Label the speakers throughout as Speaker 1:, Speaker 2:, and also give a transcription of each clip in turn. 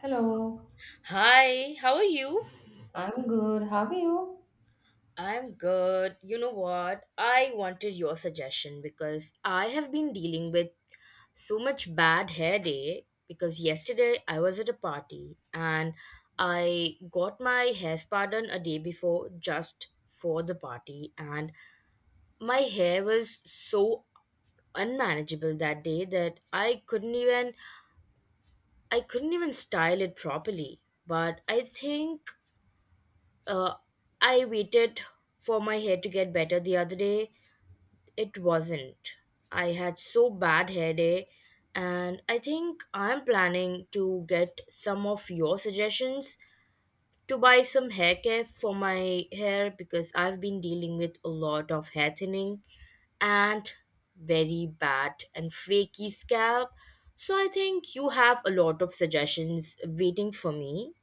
Speaker 1: Hello,
Speaker 2: Hi, how are you?
Speaker 1: I'm good. How are you?
Speaker 2: I'm good. You know what? I wanted your suggestion because I have been dealing with so much bad hair day because yesterday I was at a party, and I got my hair spa done a day before just for the party, and my hair was so unmanageable that day that I couldn't even style it properly. But I think Uh, I waited for my hair to get better the other day. It wasn't. I had so bad hair day, and I think I'm planning to get some of your suggestions to buy some hair care for my hair because I've been dealing with a lot of hair thinning and very bad and flaky scalp. So I think you have a lot of suggestions waiting for me,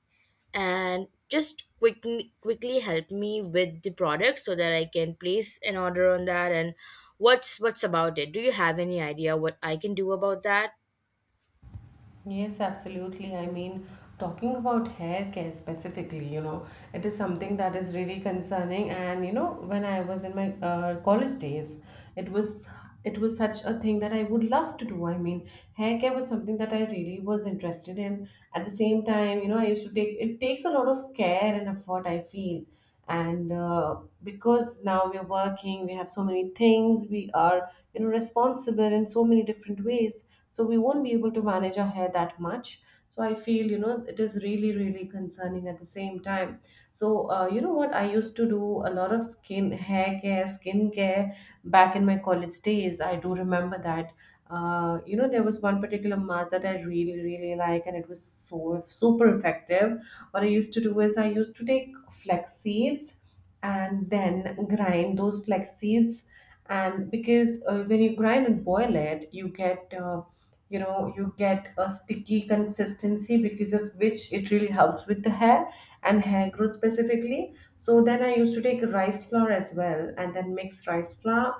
Speaker 2: and just quick, quickly help me with the product so that I can place an order on that. And what's about it? Do you have any idea what I can do about that?
Speaker 1: Yes, absolutely. Talking about hair care specifically, it is something that is really concerning. And you know, when I was in my college days, it was it was such a thing that I would love to do. Hair care was something that I really was interested in. At the same time, you know, I used to take it takes a lot of care and effort, I feel. And Because now we're working, we have so many things, we are responsible in so many different ways, so we won't be able to manage our hair that much. So I feel, you know, it is really really concerning at the same time. So you know what, I used to do a lot of skin hair care, skin care back in my college days, I do remember that. You know, there was one particular mask that I really really like, and it was so super effective. What I used to do is I used to take flax seeds and then grind those flax seeds. And because when you grind and boil it, you get you know, you get a sticky consistency, because of which it really helps with the hair and hair growth specifically. So then I used to take rice flour as well, and then mix rice flour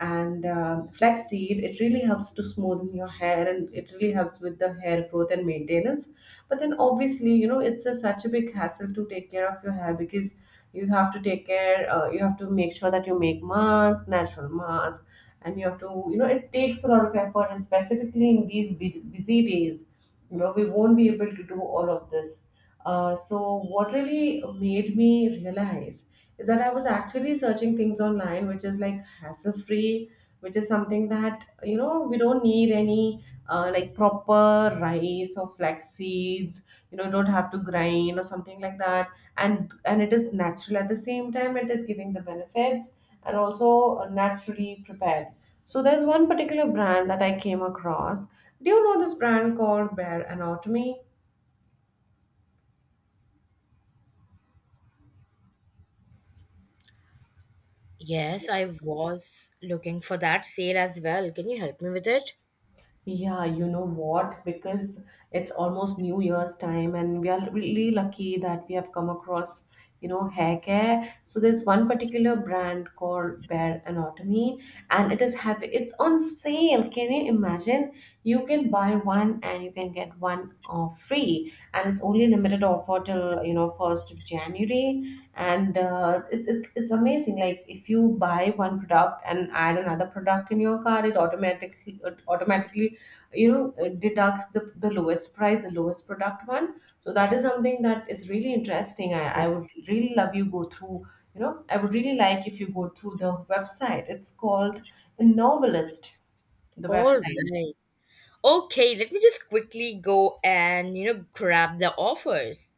Speaker 1: and flaxseed. It really helps to smoothen your hair, and it really helps with the hair growth and maintenance. But then obviously, you know, it's such a big hassle to take care of your hair, because you have to take care you have to make sure that you make mask, natural mask. And you have to, you know, it takes a lot of effort, and specifically in these busy days, you know, we won't be able to do all of this. So what really made me realize is that I was actually searching things online which is like hassle free, which is something that, you know, we don't need any like proper rice or flax seeds, you know, don't have to grind or something like that. And it is natural. At the same time, it is giving the benefits and also naturally prepared. So there's one particular brand that I came across. Do you know this brand called Bear Anatomy?
Speaker 2: Yes, I was looking for that sale as well. Can you help me with it?
Speaker 1: Yeah, you know what? Because it's almost New Year's time, and we are really lucky that we have come across, you know, hair care. So there's one particular brand called Bare Anatomy, and it is having it's on sale. Can you imagine? You can buy one and you can get one free, and it's only limited offer till you know 1st of January. And it's amazing. Like if you buy one product and add another product in your cart, it automatically you know deducts the lowest price, the lowest product one. So that is something that is really interesting. I would really love you go through, you know, I would really like if you go through the website. It's called novelist, the
Speaker 2: All
Speaker 1: website.
Speaker 2: right. Okay, let me just quickly go and you know grab the offers.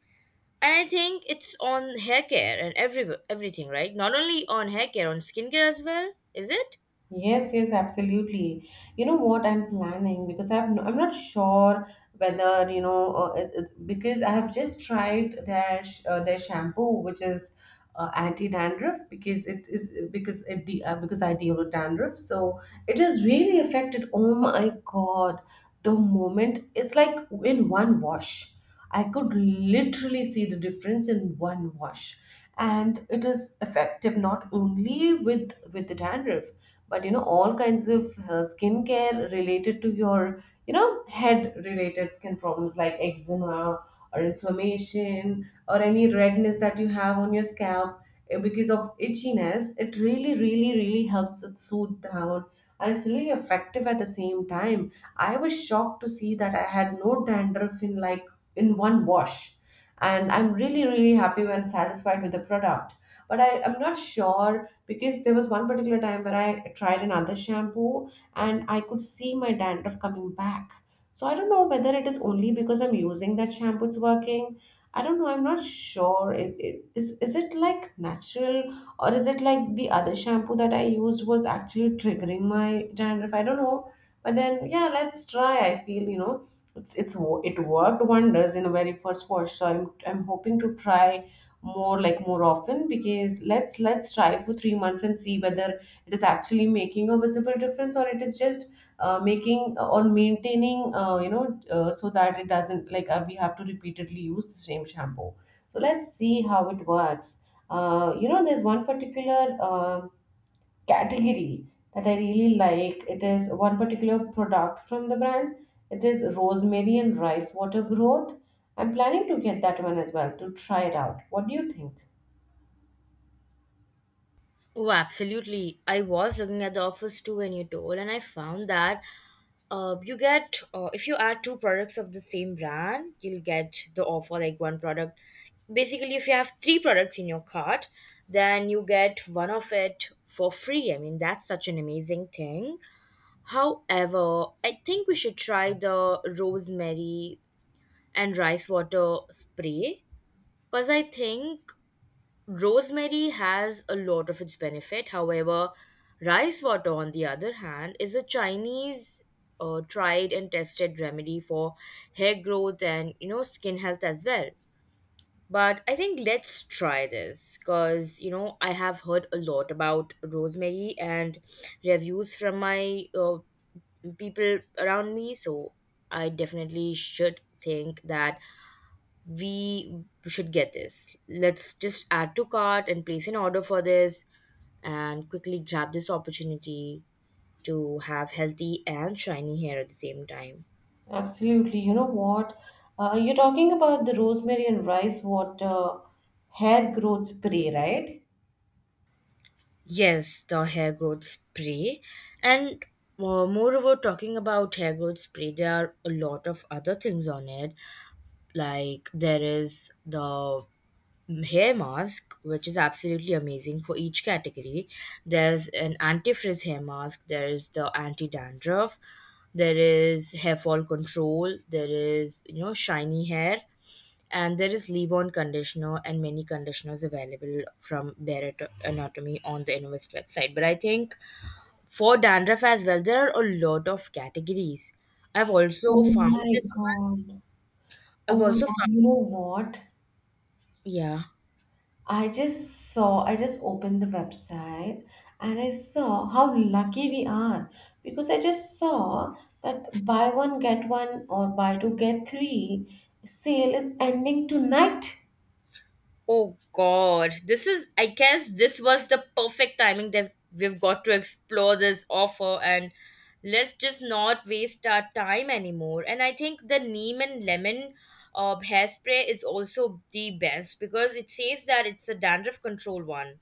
Speaker 2: And I think it's on hair care and everything, right? Not only on hair care, on skincare as well, is it?
Speaker 1: Yes, yes, absolutely. You know what I'm planning, because I've I'm not sure whether, you know, it's because I have just tried their their shampoo, which is anti dandruff, because it is because it because I deal with dandruff, so it has really affected. Oh my God, the moment it's like, in one wash, I could literally see the difference in one wash. And it is effective not only with the dandruff, but you know, all kinds of skincare related to your, you know, head related skin problems, like eczema or inflammation or any redness that you have on your scalp because of itchiness. It really really really helps it soothe down, and it's really effective at the same time. I was shocked to see that I had no dandruff in like, in one wash, and I'm really really happy when satisfied with the product. But I'm not sure, because there was one particular time where I tried another shampoo, and I could see my dandruff coming back. So I don't know whether it is only because I'm using that shampoo it's working. I don't know, I'm not sure, is it like natural, or is it like the other shampoo that I used was actually triggering my dandruff? I don't know, but then yeah, let's try. I feel, you know, it worked wonders in the very first watch, so I'm hoping to try more, like more often. Because let's try it for 3 months and see whether it is actually making a visible difference, or it is just making or maintaining, so that it doesn't like, we have to repeatedly use the same shampoo. So let's see how it works. You know, there's one particular um category that I really like. It is one particular product from the brand. It is rosemary and rice water growth. I'm planning to get that one as well to try it out. What do you think?
Speaker 2: Oh, absolutely. I was looking at the offers too when you told, and I found that you get, if you add two products of the same brand, you'll get the offer like one product. Basically, if you have three products in your cart, then you get one of it for free. I mean, that's such an amazing thing. However, I think we should try the rosemary and rice water spray because I think Rosemary has a lot of its benefit. However, rice water, on the other hand, is a Chinese tried and tested remedy for hair growth and you know skin health as well. But I think let's try this because you know I have heard a lot about rosemary and reviews from my people around me. So I definitely should think that we should get this. Let's just add to cart and place an order for this and quickly grab this opportunity to have healthy and shiny hair at the same time.
Speaker 1: Absolutely. You know what? You're talking about the rosemary and rice water hair growth spray, right?
Speaker 2: Yes, the hair growth spray. And moreover, talking about hair growth spray, there are a lot of other things on it. Like there is the hair mask, which is absolutely amazing for each category. There's an anti-frizz hair mask. There is the anti-dandruff. There is hair fall control. There is you know shiny hair, and there is leave-on conditioner and many conditioners available from Barrett Anatomy on the Innovest website. But I think for dandruff as well, there are a lot of categories. I've also
Speaker 1: Oh
Speaker 2: found
Speaker 1: my
Speaker 2: this one.
Speaker 1: God.
Speaker 2: I've
Speaker 1: Oh my
Speaker 2: also
Speaker 1: God.
Speaker 2: found
Speaker 1: You know what?
Speaker 2: yeah.
Speaker 1: I just opened the website, and I saw how lucky we are, because I just saw that buy one get one or buy two get three sale is ending tonight.
Speaker 2: Oh God, this is, I guess this was the perfect timing that we've got to explore this offer, and let's just not waste our time anymore. And I think the neem and lemon hairspray is also the best because it says that it's a dandruff control one.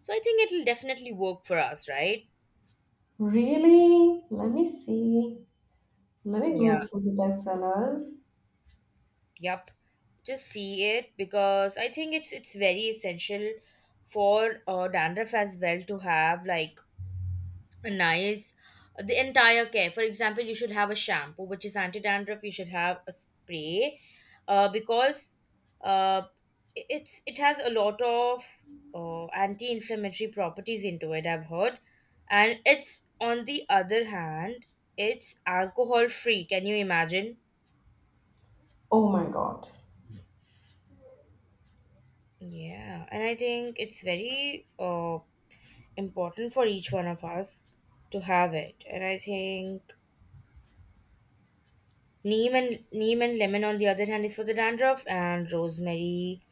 Speaker 2: So I think it'll definitely work for us, right?
Speaker 1: Really? Let me see. Let me
Speaker 2: Yeah,
Speaker 1: go through the best sellers.
Speaker 2: yep. Just see it because I think it's very essential for dandruff as well to have like nice the entire care, for example, you should have a shampoo which is anti-dandruff, you should have a spray because uh, I- it's it has a lot of anti-inflammatory properties into it, I've heard. And it's on the other hand it's alcohol free, can you imagine?
Speaker 1: Oh my god.
Speaker 2: Yeah, and I think it's very important for each one of us to have it. And I think neem and lemon, on the other hand, is for the dandruff, and rosemary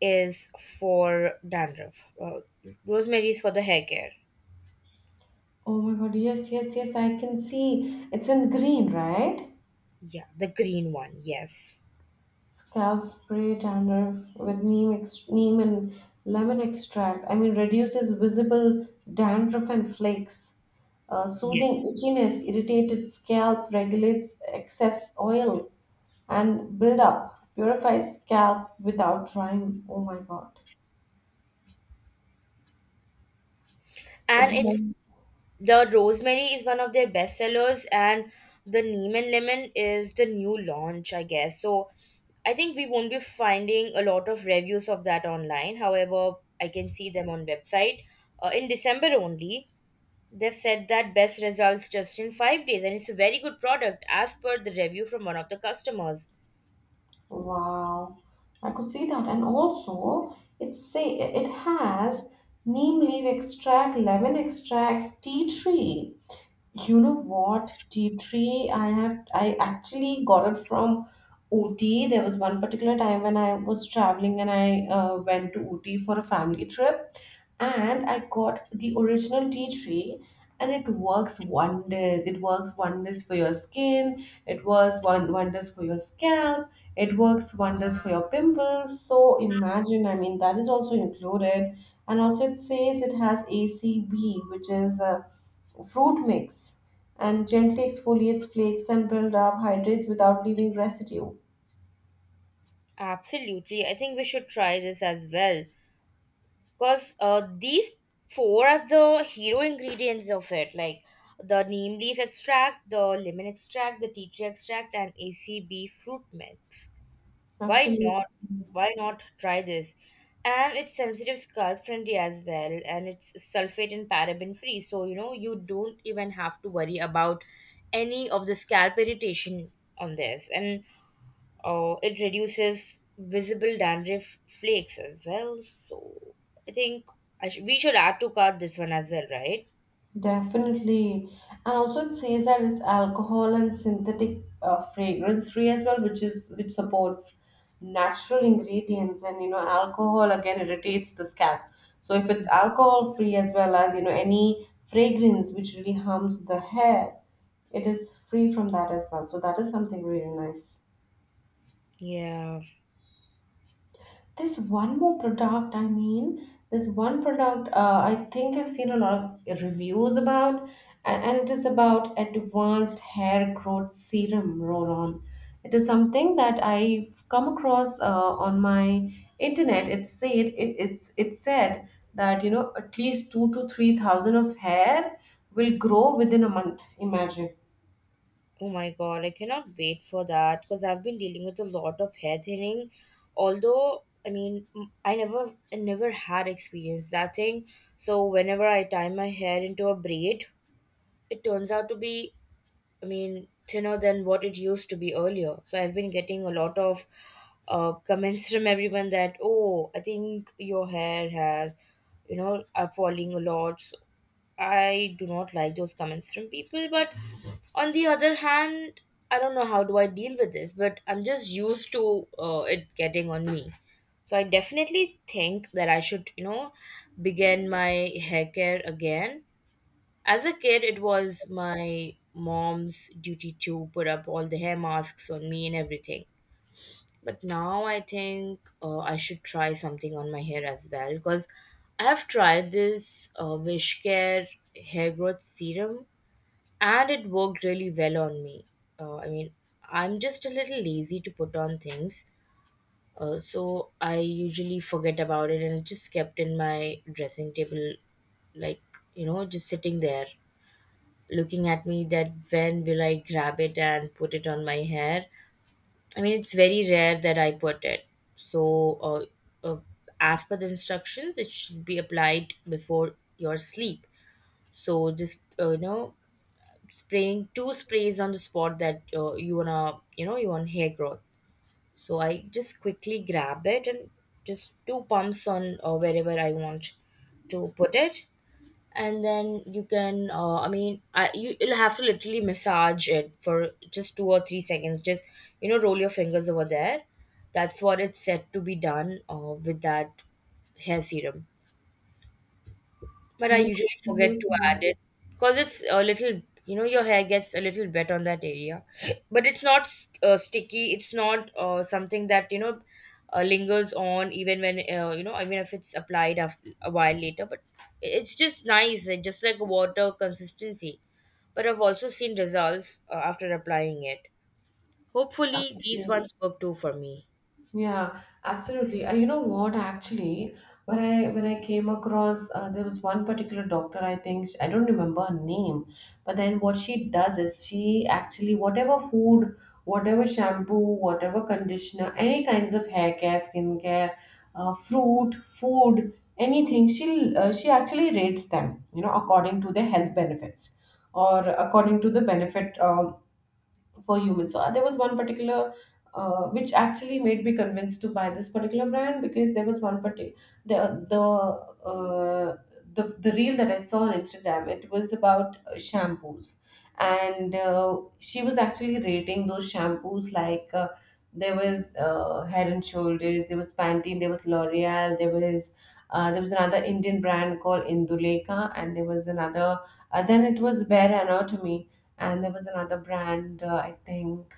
Speaker 2: is for dandruff. Rosemary is for the hair care.
Speaker 1: Oh my god. Yes, yes, yes. I can see. It's in green, right?
Speaker 2: Yeah, the green one. Yes,
Speaker 1: Scalp spray dandruff with neem, neem and lemon extract. I mean, reduces visible dandruff and flakes. Soothing
Speaker 2: yes.
Speaker 1: itchiness, irritated scalp, regulates excess oil and buildup, purifies scalp without drying. Oh my god. It
Speaker 2: And it's
Speaker 1: has,
Speaker 2: the rosemary is one of their best sellers, and the neem and lemon is the new launch, I guess. So I think we won't be finding a lot of reviews of that online. However, I can see them on website in December only. They've said that best results just in 5 days, and it's a very good product as per the review from one of the customers.
Speaker 1: wow, I could see that. And also, it say it has neem leaf extract, lemon extracts, tea tree. You know what? Tea tree, I actually got it from Ooty. There was one particular time when I was traveling and I went to Ooty for a family trip, and I got the original tea tree, and it works wonders. It works wonders for your skin, it works one wonders for your scalp, it works wonders for your pimples. So imagine, I mean, that is also included. And also it says it has ACB, which is a fruit mix and gently exfoliates flakes and build up, hydrates without leaving residue.
Speaker 2: Absolutely, I think we should try this as well because these four are the hero ingredients of it, like the neem leaf extract, the lemon extract, the tea tree extract, and ACB fruit mix. Why
Speaker 1: Absolutely.
Speaker 2: not? Why not try this? And it's sensitive scalp friendly as well, and it's sulfate and paraben free. So, you know, you don't even have to worry about any of the scalp irritation on this. And it reduces visible dandruff flakes as well. So, I think we should add to cart this one as well, right?
Speaker 1: Definitely. And also it says that it's alcohol and synthetic fragrance free as well, which is which supports natural ingredients, and you know alcohol again irritates the scalp. So if it's alcohol free, as well as you know any fragrance which really harms the hair, it is free from that as well. So that is something really nice.
Speaker 2: Yeah.
Speaker 1: There's one more product. I mean, there's one product. I think I've seen a lot of reviews about, and it is about advanced hair growth serum roll-on. It is something that I've come across on my internet. It said that, you know, at least two to three thousand of hair will grow within a month. Imagine.
Speaker 2: Oh my god, I cannot wait for that because I've been dealing with a lot of hair thinning. Although, I mean, I never had experienced that thing. So whenever I tie my hair into a braid, it turns out to be I mean, thinner than what it used to be earlier. So I've been getting a lot of comments from everyone that, oh, I think your hair has, you know, are falling a lot. So I do not like those comments from people. But on the other hand, I don't know how do I deal with this, but I'm just used to it getting on me. So I definitely think that I should, you know, begin my hair care again. As a kid, it was my mom's duty to put up all the hair masks on me and everything. But now I think I should try something on my hair as well because I have tried this Wish Care hair growth serum, and it worked really well on me. I mean, I'm just a little lazy to put on things, so I usually forget about it, and it just kept in my dressing table, like, you know, just sitting there looking at me that when will I grab it and put it on my hair. I mean, it's very rare that I put it. So, uh, uh, as per the instructions, it should be applied before your sleep. So, just you know, spraying two sprays on the spot that you wanna, you know, you want hair growth. So I just quickly grab it and just two pumps on or wherever I want to put it, and then you can you'll have to literally massage it for just 2 or 3 seconds, just you know roll your fingers over there. That's what it's said to be done with that hair serum, but I usually
Speaker 1: Yeah.
Speaker 2: forget to add it because it's a little, you know, your hair gets a little wet on that area. But it's not sticky. It's not something that, you know, lingers on even when, you know, I mean, if it's applied after a while later. But it's just nice, just like water consistency. But I've also seen results after applying it. Hopefully, these
Speaker 1: Yeah.
Speaker 2: ones work too for me.
Speaker 1: Yeah, absolutely. And you know what, actually, when I came across, there was one particular doctor. I think I don't remember her name, but then what she does is she actually, whatever food, whatever shampoo, whatever conditioner, any kinds of hair care, skin care, fruit, food, anything. She actually rates them, you know, according to their health benefits or according to the benefit. For humans. So there was one particular which actually made me convinced to buy this particular brand, because there was one particular the the uh, the reel that I saw on Instagram. It was about shampoos, and she was actually rating those shampoos like. There was Head and Shoulders, there was Pantene, there was L'Oreal, there was another Indian brand called Induleka, and there was another. Then it was Bare Anatomy, and there was another brand I think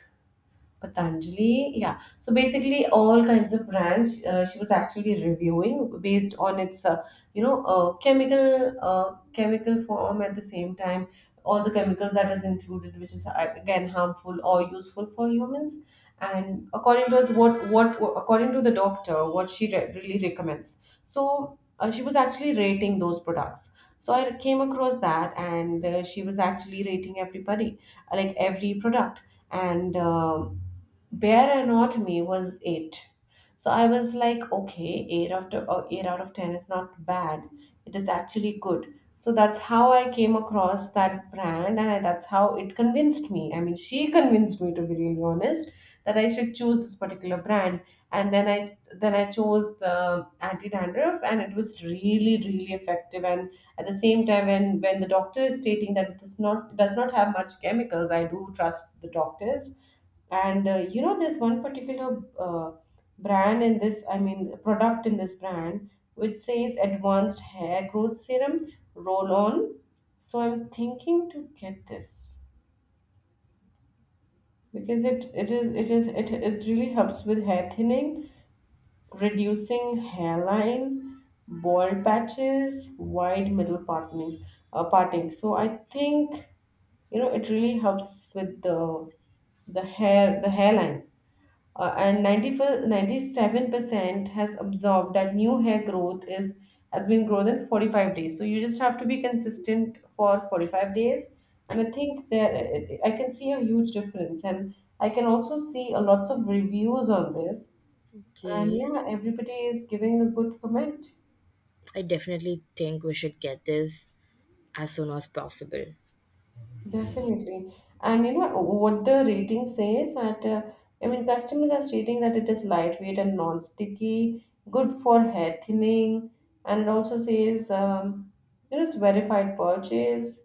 Speaker 1: Patanjali, yeah. So basically, all kinds of brands, she was actually reviewing based on its, chemical chemical form. At the same time, all the chemicals that is included, which is again harmful or useful for humans. And according to us, what according to the doctor, what she really recommends. So she was actually rating those products. So I came across that, and she was actually rating everybody, like every product, and Bear Anatomy was eight. So I was like, okay, eight out of ten is not bad. It is actually good. So that's how I came across that brand, and that's how it convinced me. I mean, she convinced me to be really honest that I should choose this particular brand, and then I chose the anti dandruff, and it was really really effective. And at the same time, when the doctor is stating that it does not have much chemicals, I do trust the doctors, and you know, there's one particular brand in this. I mean, product in this brand, which says advanced hair growth serum roll on. So I'm thinking to get this because it really helps with hair thinning, reducing hairline, bald patches, wide middle parting. So I think, you know, it really helps with the hairline. And 94, 97% has observed that new hair growth is has been grown in 45 days. So you just have to be consistent for 45 days, and I think there I can see a huge difference, and I can also see a lots of reviews on this, and
Speaker 2: Okay.
Speaker 1: yeah, everybody is giving a good comment.
Speaker 2: I definitely think we should get this as soon as possible.
Speaker 1: Definitely. And you know what the rating says, that I mean, customers are stating that it is lightweight and non-sticky, good for hair thinning, and it also says, you know, it's verified purchase.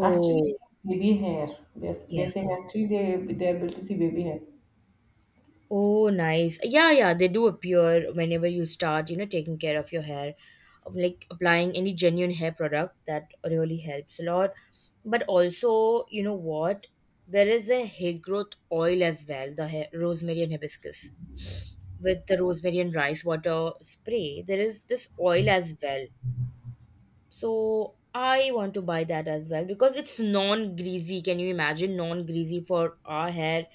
Speaker 1: Actually, baby hair. Yes,
Speaker 2: yeah.
Speaker 1: they're saying actually they're able to see baby hair.
Speaker 2: Oh, nice. Yeah, yeah, they do appear whenever you start, you know, taking care of your hair, of, like applying any genuine hair product that really helps a lot. But also, you know what? There is a hair growth oil as well, the hair, rosemary and hibiscus. With the rosemary and rice water spray, there is this oil as well, so I want to buy that as well because it's non-greasy. Can you imagine non-greasy for our hair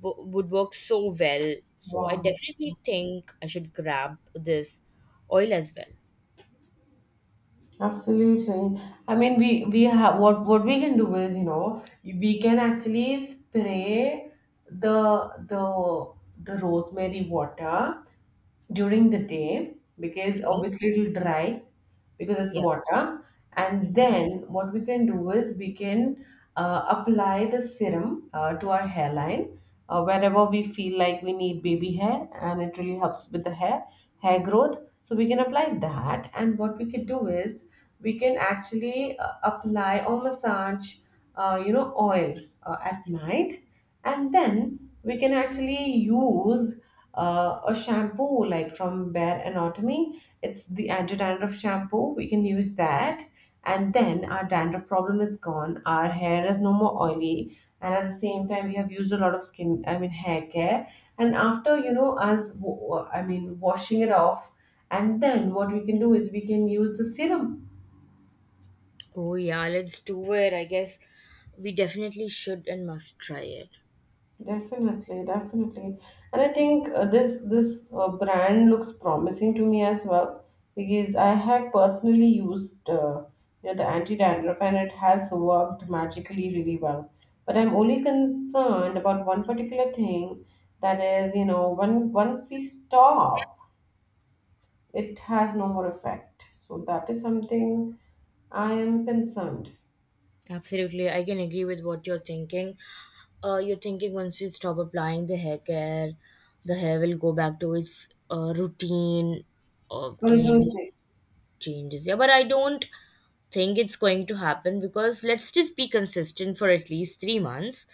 Speaker 2: would work so well. So I
Speaker 1: Wow.
Speaker 2: definitely think I should grab this oil as well.
Speaker 1: Absolutely. I mean, we have what we can do is, we can actually spray the the the rosemary water during the day because
Speaker 2: Okay.
Speaker 1: obviously it'll dry because it's
Speaker 2: Yeah.
Speaker 1: water. And
Speaker 2: Mhm.
Speaker 1: then what we can do is we can apply the serum to our hairline, wherever we feel like we need baby hair, and it really helps with the hair growth. So we can apply that. And what we can do is we can actually apply or massage, oil at night, and then we can actually use a shampoo like from Bare Anatomy. It's the anti-dandruff shampoo. We can use that, and then our dandruff problem is gone. Our hair is no more oily, and at the same time, we have used a lot of skin. I mean, hair care. And after, I mean, washing it off, and then what we can do is we can use the serum.
Speaker 2: Oh yeah, let's do it. I guess we definitely should and must try it.
Speaker 1: Definitely, definitely, and I think this brand looks promising to me as well because I have personally used, the anti dandruff, and it has worked magically really well. But I'm only concerned about one particular thing, that is, you know, when once we stop, it has no more effect. So that is something I am concerned.
Speaker 2: Absolutely, I can agree with what you're thinking. You're thinking once we stop applying the hair care, the hair will go back to its routine. Or I
Speaker 1: Original
Speaker 2: mean,
Speaker 1: state.
Speaker 2: changes. Yeah, but I don't think it's going to happen because let's just be consistent for at least 3 months,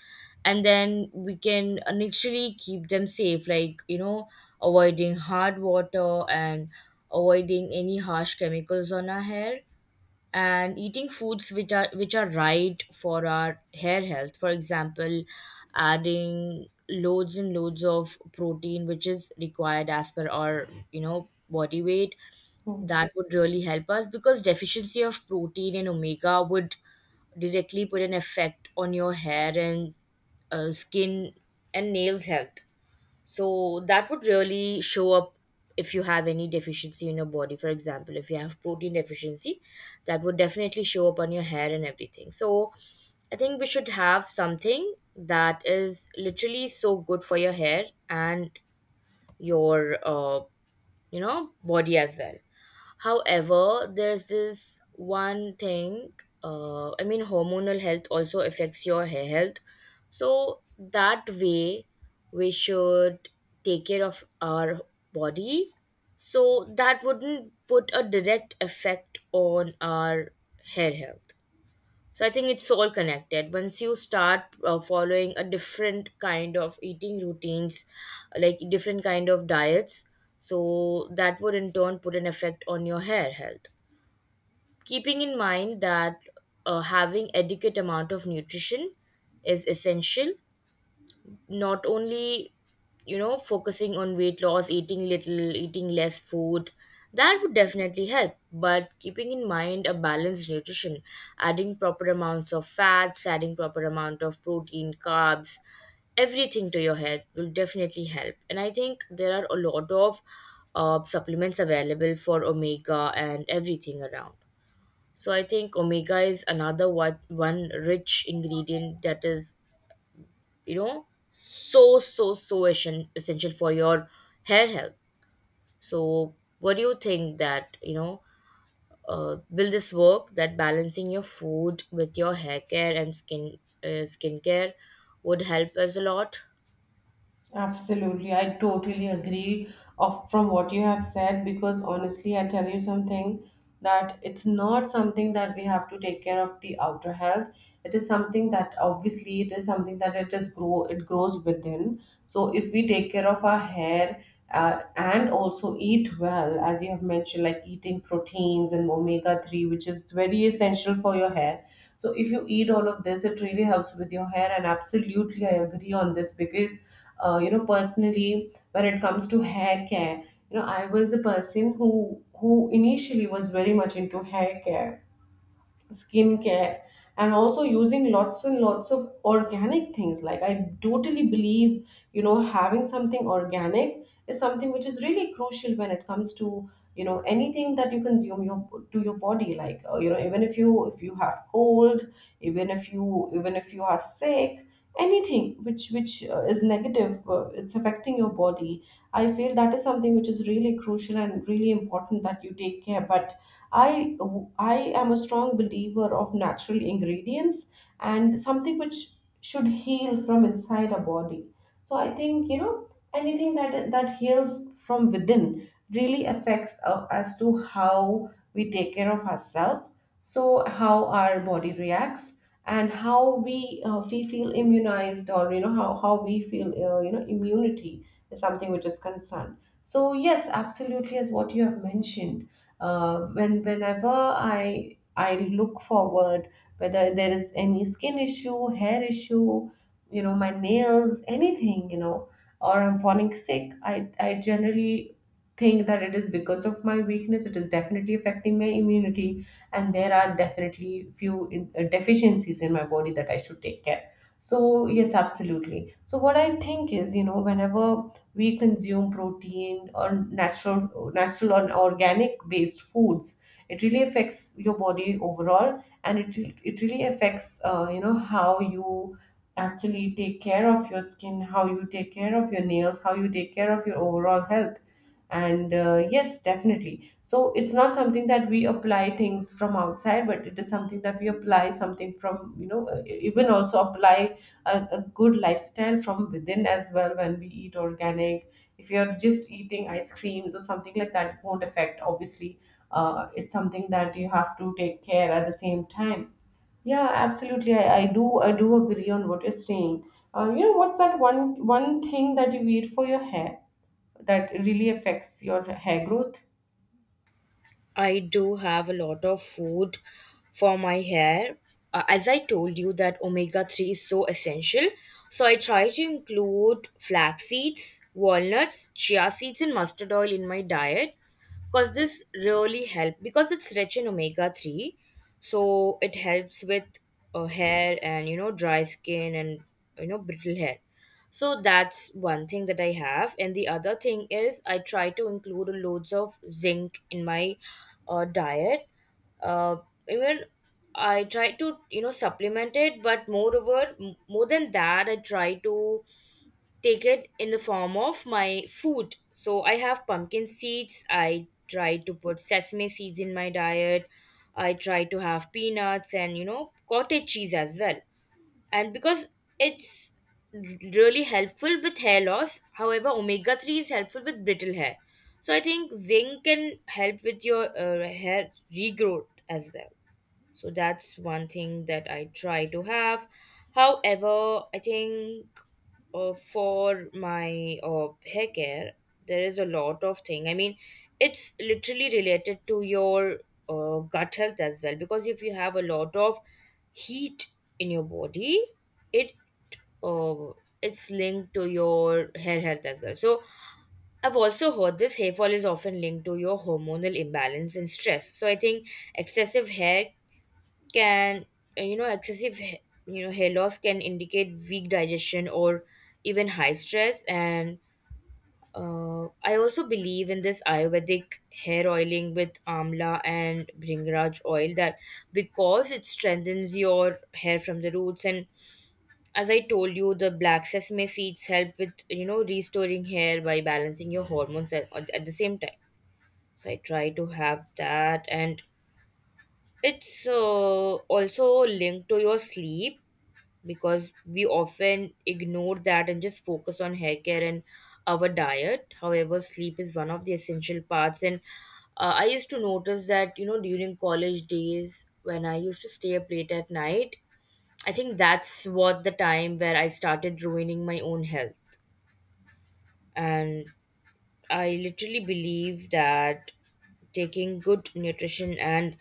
Speaker 2: and then we can initially keep them safe, like you know, avoiding hard water and avoiding any harsh chemicals on our hair and eating foods which are right for our hair health, for example, adding loads and loads of protein which is required as per our you know body weight. That would really help us because deficiency of protein and omega would directly put an effect on your hair and skin and nails health, so that would really show up if you have any deficiency in your body. For example, if you have protein deficiency, that would definitely show up on your hair and everything. So I think we should have something that is literally so good for your hair and your body as well. However, there's this one thing, hormonal health also affects your hair health. So, that way, we should take care of our body. So, that wouldn't put a direct effect on our hair health. So I think it's all connected. Once you start following a different kind of eating routines, like different kind of diets, so that would in turn put an effect on your hair health. Keeping in mind that having adequate amount of nutrition is essential, not only focusing on weight loss, eating little, eating less food. That would definitely help, but keeping in mind a balanced nutrition, adding proper amounts of fats, adding proper amount of protein, carbs, everything to your health will definitely help. And I think there are a lot of supplements available for omega and everything around. So I think omega is another one rich ingredient that is essential for your hair health. So what do you think that, will this work, that balancing your food with your hair care and skincare would help us a lot?
Speaker 1: Absolutely, I totally agree of from what you have said because honestly, I tell you something, that it's not something that we have to take care of the outer health. It is something that obviously it is something that it is grow it grows within. So if we take care of our hair, and also eat well, as you have mentioned, like eating proteins and omega 3, which is very essential for your hair. So if you eat all of this, it really helps with your hair. And absolutely, I agree on this because, personally, when it comes to hair care, I was a person who initially was very much into hair care, skincare. I'm also using lots and lots of organic things. Like, I totally believe, having something organic is something which is really crucial when it comes to, anything that you consume your to your body. Like, even if you have cold, even if you are sick, anything which is negative, it's affecting your body, I feel that is something which is really crucial and really important that you take care. But I I am a strong believer of natural ingredients and something which should heal from inside our body. So I think, anything that heals from within really affects, as to how we take care of ourselves. So how our body reacts, and how we feel immunized, or how we feel, immunity is something which is concerned. So yes, absolutely, as what you have mentioned, whenever I look forward, whether there is any skin issue, hair issue, my nails, anything, or I'm falling sick, I generally think that it is because of my weakness. It is definitely affecting my immunity, and there are definitely few deficiencies in my body that I should take care. So yes, absolutely. So what I think is, whenever we consume protein or natural or organic based foods, it really affects your body overall, and it really affects, how you actually take care of your skin, how you take care of your nails, how you take care of your overall health. And yes, definitely. So it's not something that we apply things from outside, but it is something that we apply something from, even also apply a good lifestyle from within as well, when we eat organic. If you're just eating ice creams or something like that, it won't affect, obviously. It's something that you have to take care at the same time. Yeah, absolutely. I do agree on what you're saying. What's that one thing that you eat for your hair that really affects your hair growth?
Speaker 2: I do have a lot of food for my hair. As I told you that omega 3 is so essential, so I try to include flax seeds, walnuts, chia seeds and mustard oil in my diet, because this really help because it's rich in omega 3. So it helps with hair and dry skin and brittle hair. So that's one thing that I have. And the other thing is I try to include loads of zinc in my diet. uh, Even I try to supplement it, but moreover more than that, I try to take it in the form of my food. So I have pumpkin seeds. I try to put sesame seeds in my diet. I try to have peanuts and cottage cheese as well. And because it's really helpful with hair loss. However, omega 3 is helpful with brittle hair. So I think zinc can help with your hair regrowth as well. So that's one thing that I try to have. However, I think for my hair care, there is a lot of thing. I mean, it's literally related to your gut health as well, because if you have a lot of heat in your body, it uh, it's linked to your hair health as well. So I've also heard this hair fall is often linked to your hormonal imbalance and stress. So I think excessive hair can you know excessive h- you know hair loss can indicate weak digestion or even high stress. And I also believe in this ayurvedic hair oiling with amla and bringraj oil, that because it strengthens your hair from the roots. And as I told you, the black sesame seeds help with restoring hair by balancing your hormones at, the same time. So I try to have that. And it's also linked to your sleep, because we often ignore that and just focus on hair care and our diet. However, sleep is one of the essential parts. And I used to notice that, you know, during college days when I used to stay up late at night, I think that's what the time where I started ruining my own health. And I literally believe that taking good nutrition and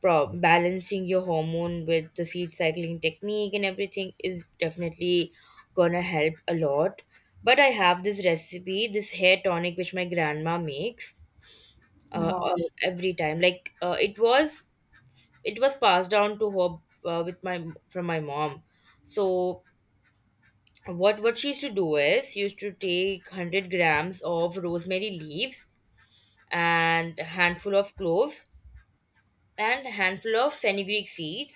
Speaker 2: balancing your hormone with the seed cycling technique and everything is definitely gonna help a lot. But I have this recipe, this hair tonic which my grandma makes uh, uh,
Speaker 1: Wow.
Speaker 2: every time. It was passed down to her with my from my mom. So what she used to do is she used to take 100 grams of rosemary leaves and a handful of cloves and a handful of fenugreek seeds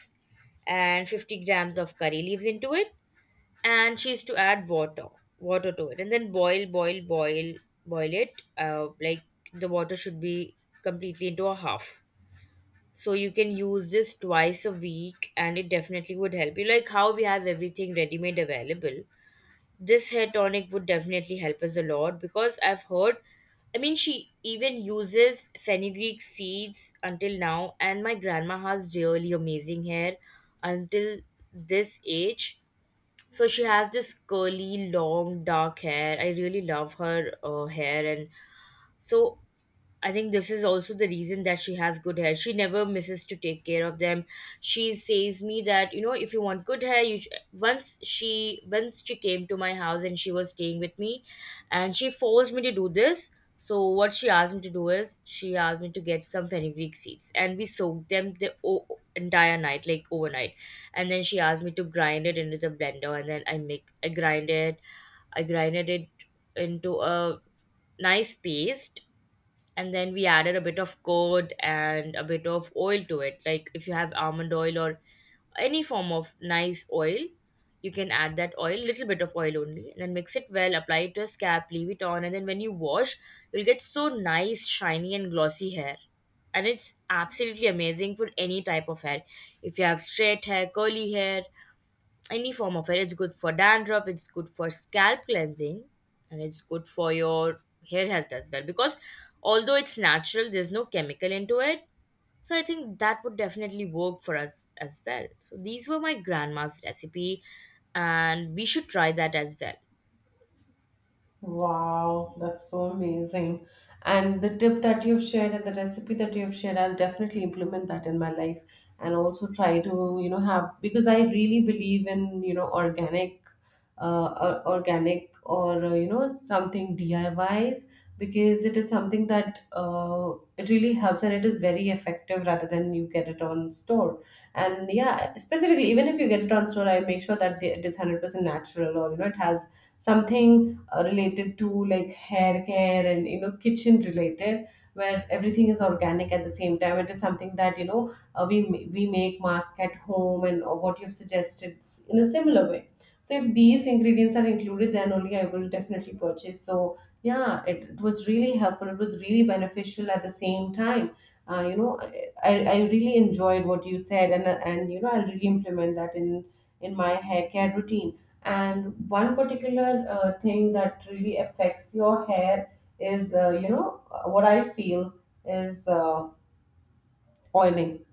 Speaker 2: and 50 grams of curry leaves into it. And she is to add water to it and then boil it, like the water should be completely into a half. So you can use this twice a week, and it definitely would help you, like how we have everything ready made available. This hair tonic would definitely help us a lot, because I've heard, I mean, she even uses fenugreek seeds until now, and my grandma has really amazing hair until this age. So she has this curly, long, dark hair. I really love her hair, and so I think this is also the reason that she has good hair. She never misses to take care of them. She says me that, you know, if you want good hair, you once she came to my house and she was staying with me, and she forced me to do this. So what she asked me to do is she asked me to get some fenugreek seeds, and we soaked them the entire night, like overnight. And then she asked me to grind it into the blender, and then I grinded it into a nice paste. And then we added a bit of curd and a bit of oil to it, like if you have almond oil or any form of nice oil, you can add that oil little bit of oil only, and then mix it well, apply it to a scalp, leave it on, and then when you wash, you'll get so nice, shiny and glossy hair. And it's absolutely amazing for any type of hair. If you have straight hair, curly hair, any form of hair. It's good for dandruff, it's good for scalp cleansing, and it's good for your hair health as well. Because although it's natural, there's no chemical into it. So I think that would definitely work for us as well. So these were my grandma's recipe, and we should try that as well.
Speaker 1: Wow, that's so amazing. And the tip that you've shared, and the recipe that you've shared, I'll definitely implement that in my life, and also try to, have, because I really believe in, organic, or something DIYs, because it is something that, it really helps, and it is very effective rather than you get it on store. And yeah, specifically, even if you get it on store, I make sure that it is 100% natural, or, it has something related to, like, hair care, and kitchen related, where everything is organic. At the same time, it is something that we make mask at home, and, what you've suggested, in a similar way. So if these ingredients are included, then only I will definitely purchase. So yeah, it was really helpful, it was really beneficial at the same time. uh, you know I really enjoyed what you said, and I'll really implement that in my hair care routine. And one particular thing that really affects your hair what I feel is oiling.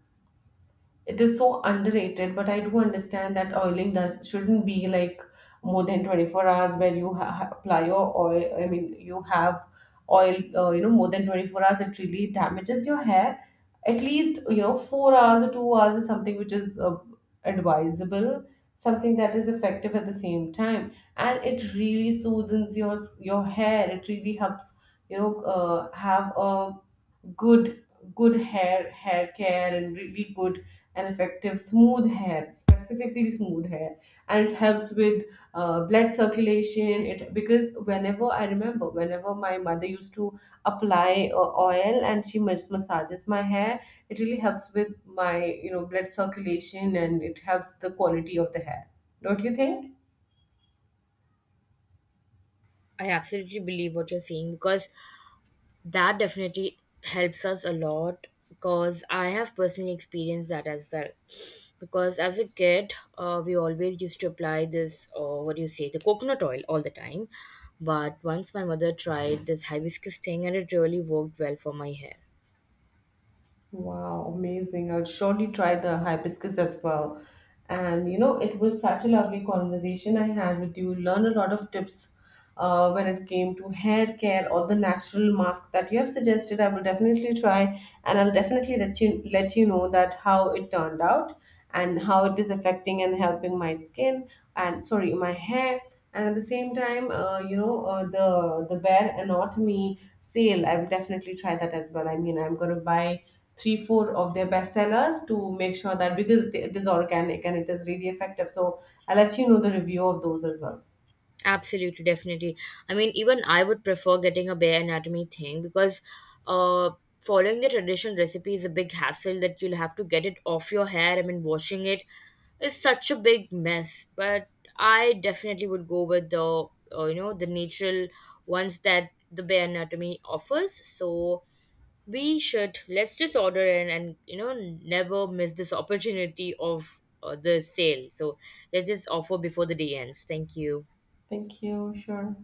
Speaker 1: It is so underrated, but I do understand that oiling does shouldn't be like more than 24 hours where you apply your oil. I mean, you have oil, more than 24 hours, it really damages your hair. At least, 4 hours or 2 hours is something which is advisable, something that is effective at the same time. And it really soothes your hair. It really helps, have a good good hair care, and really good and effective smooth hair, specifically smooth hair. And it helps with, blood circulation, it because whenever I remember whenever my mother used to apply, oil and she massages my hair, it really helps with my, blood circulation, and it helps the quality of the hair. Don't you think?
Speaker 2: I absolutely believe what you're saying, because that definitely helps us a lot, because I have personally experienced that as well. Because as a kid, we always used to apply this, or what do you say, the coconut oil all the time. But once my mother tried this hibiscus thing and it really worked well for my hair.
Speaker 1: Wow, amazing. I'll surely try the hibiscus as well. And it was such a lovely conversation I had with you. Learn a lot of tips, when it came to hair care, or the natural mask that you have suggested. I will definitely try, and I'll definitely let you know that how it turned out, and how it is affecting and helping my skin, and sorry, my hair. And at the same time, the Bare Anatomy sale, I will definitely try that as well. I mean, I'm gonna buy three four of their best sellers to make sure that, because it is organic and it is really effective. So I'll let you know the review of those as well.
Speaker 2: Absolutely, definitely. I mean, even I would prefer getting a bare anatomy thing because, uh, following the traditional recipe is a big hassle that you'll have to get it off your hair. I mean, washing it is such a big mess. But I definitely would go with the the natural ones that the bare anatomy offers. So we should, let's just order in and, you know, never miss this opportunity of the sale. So let's just offer before the day ends. Thank you.
Speaker 1: Thank you. Sure.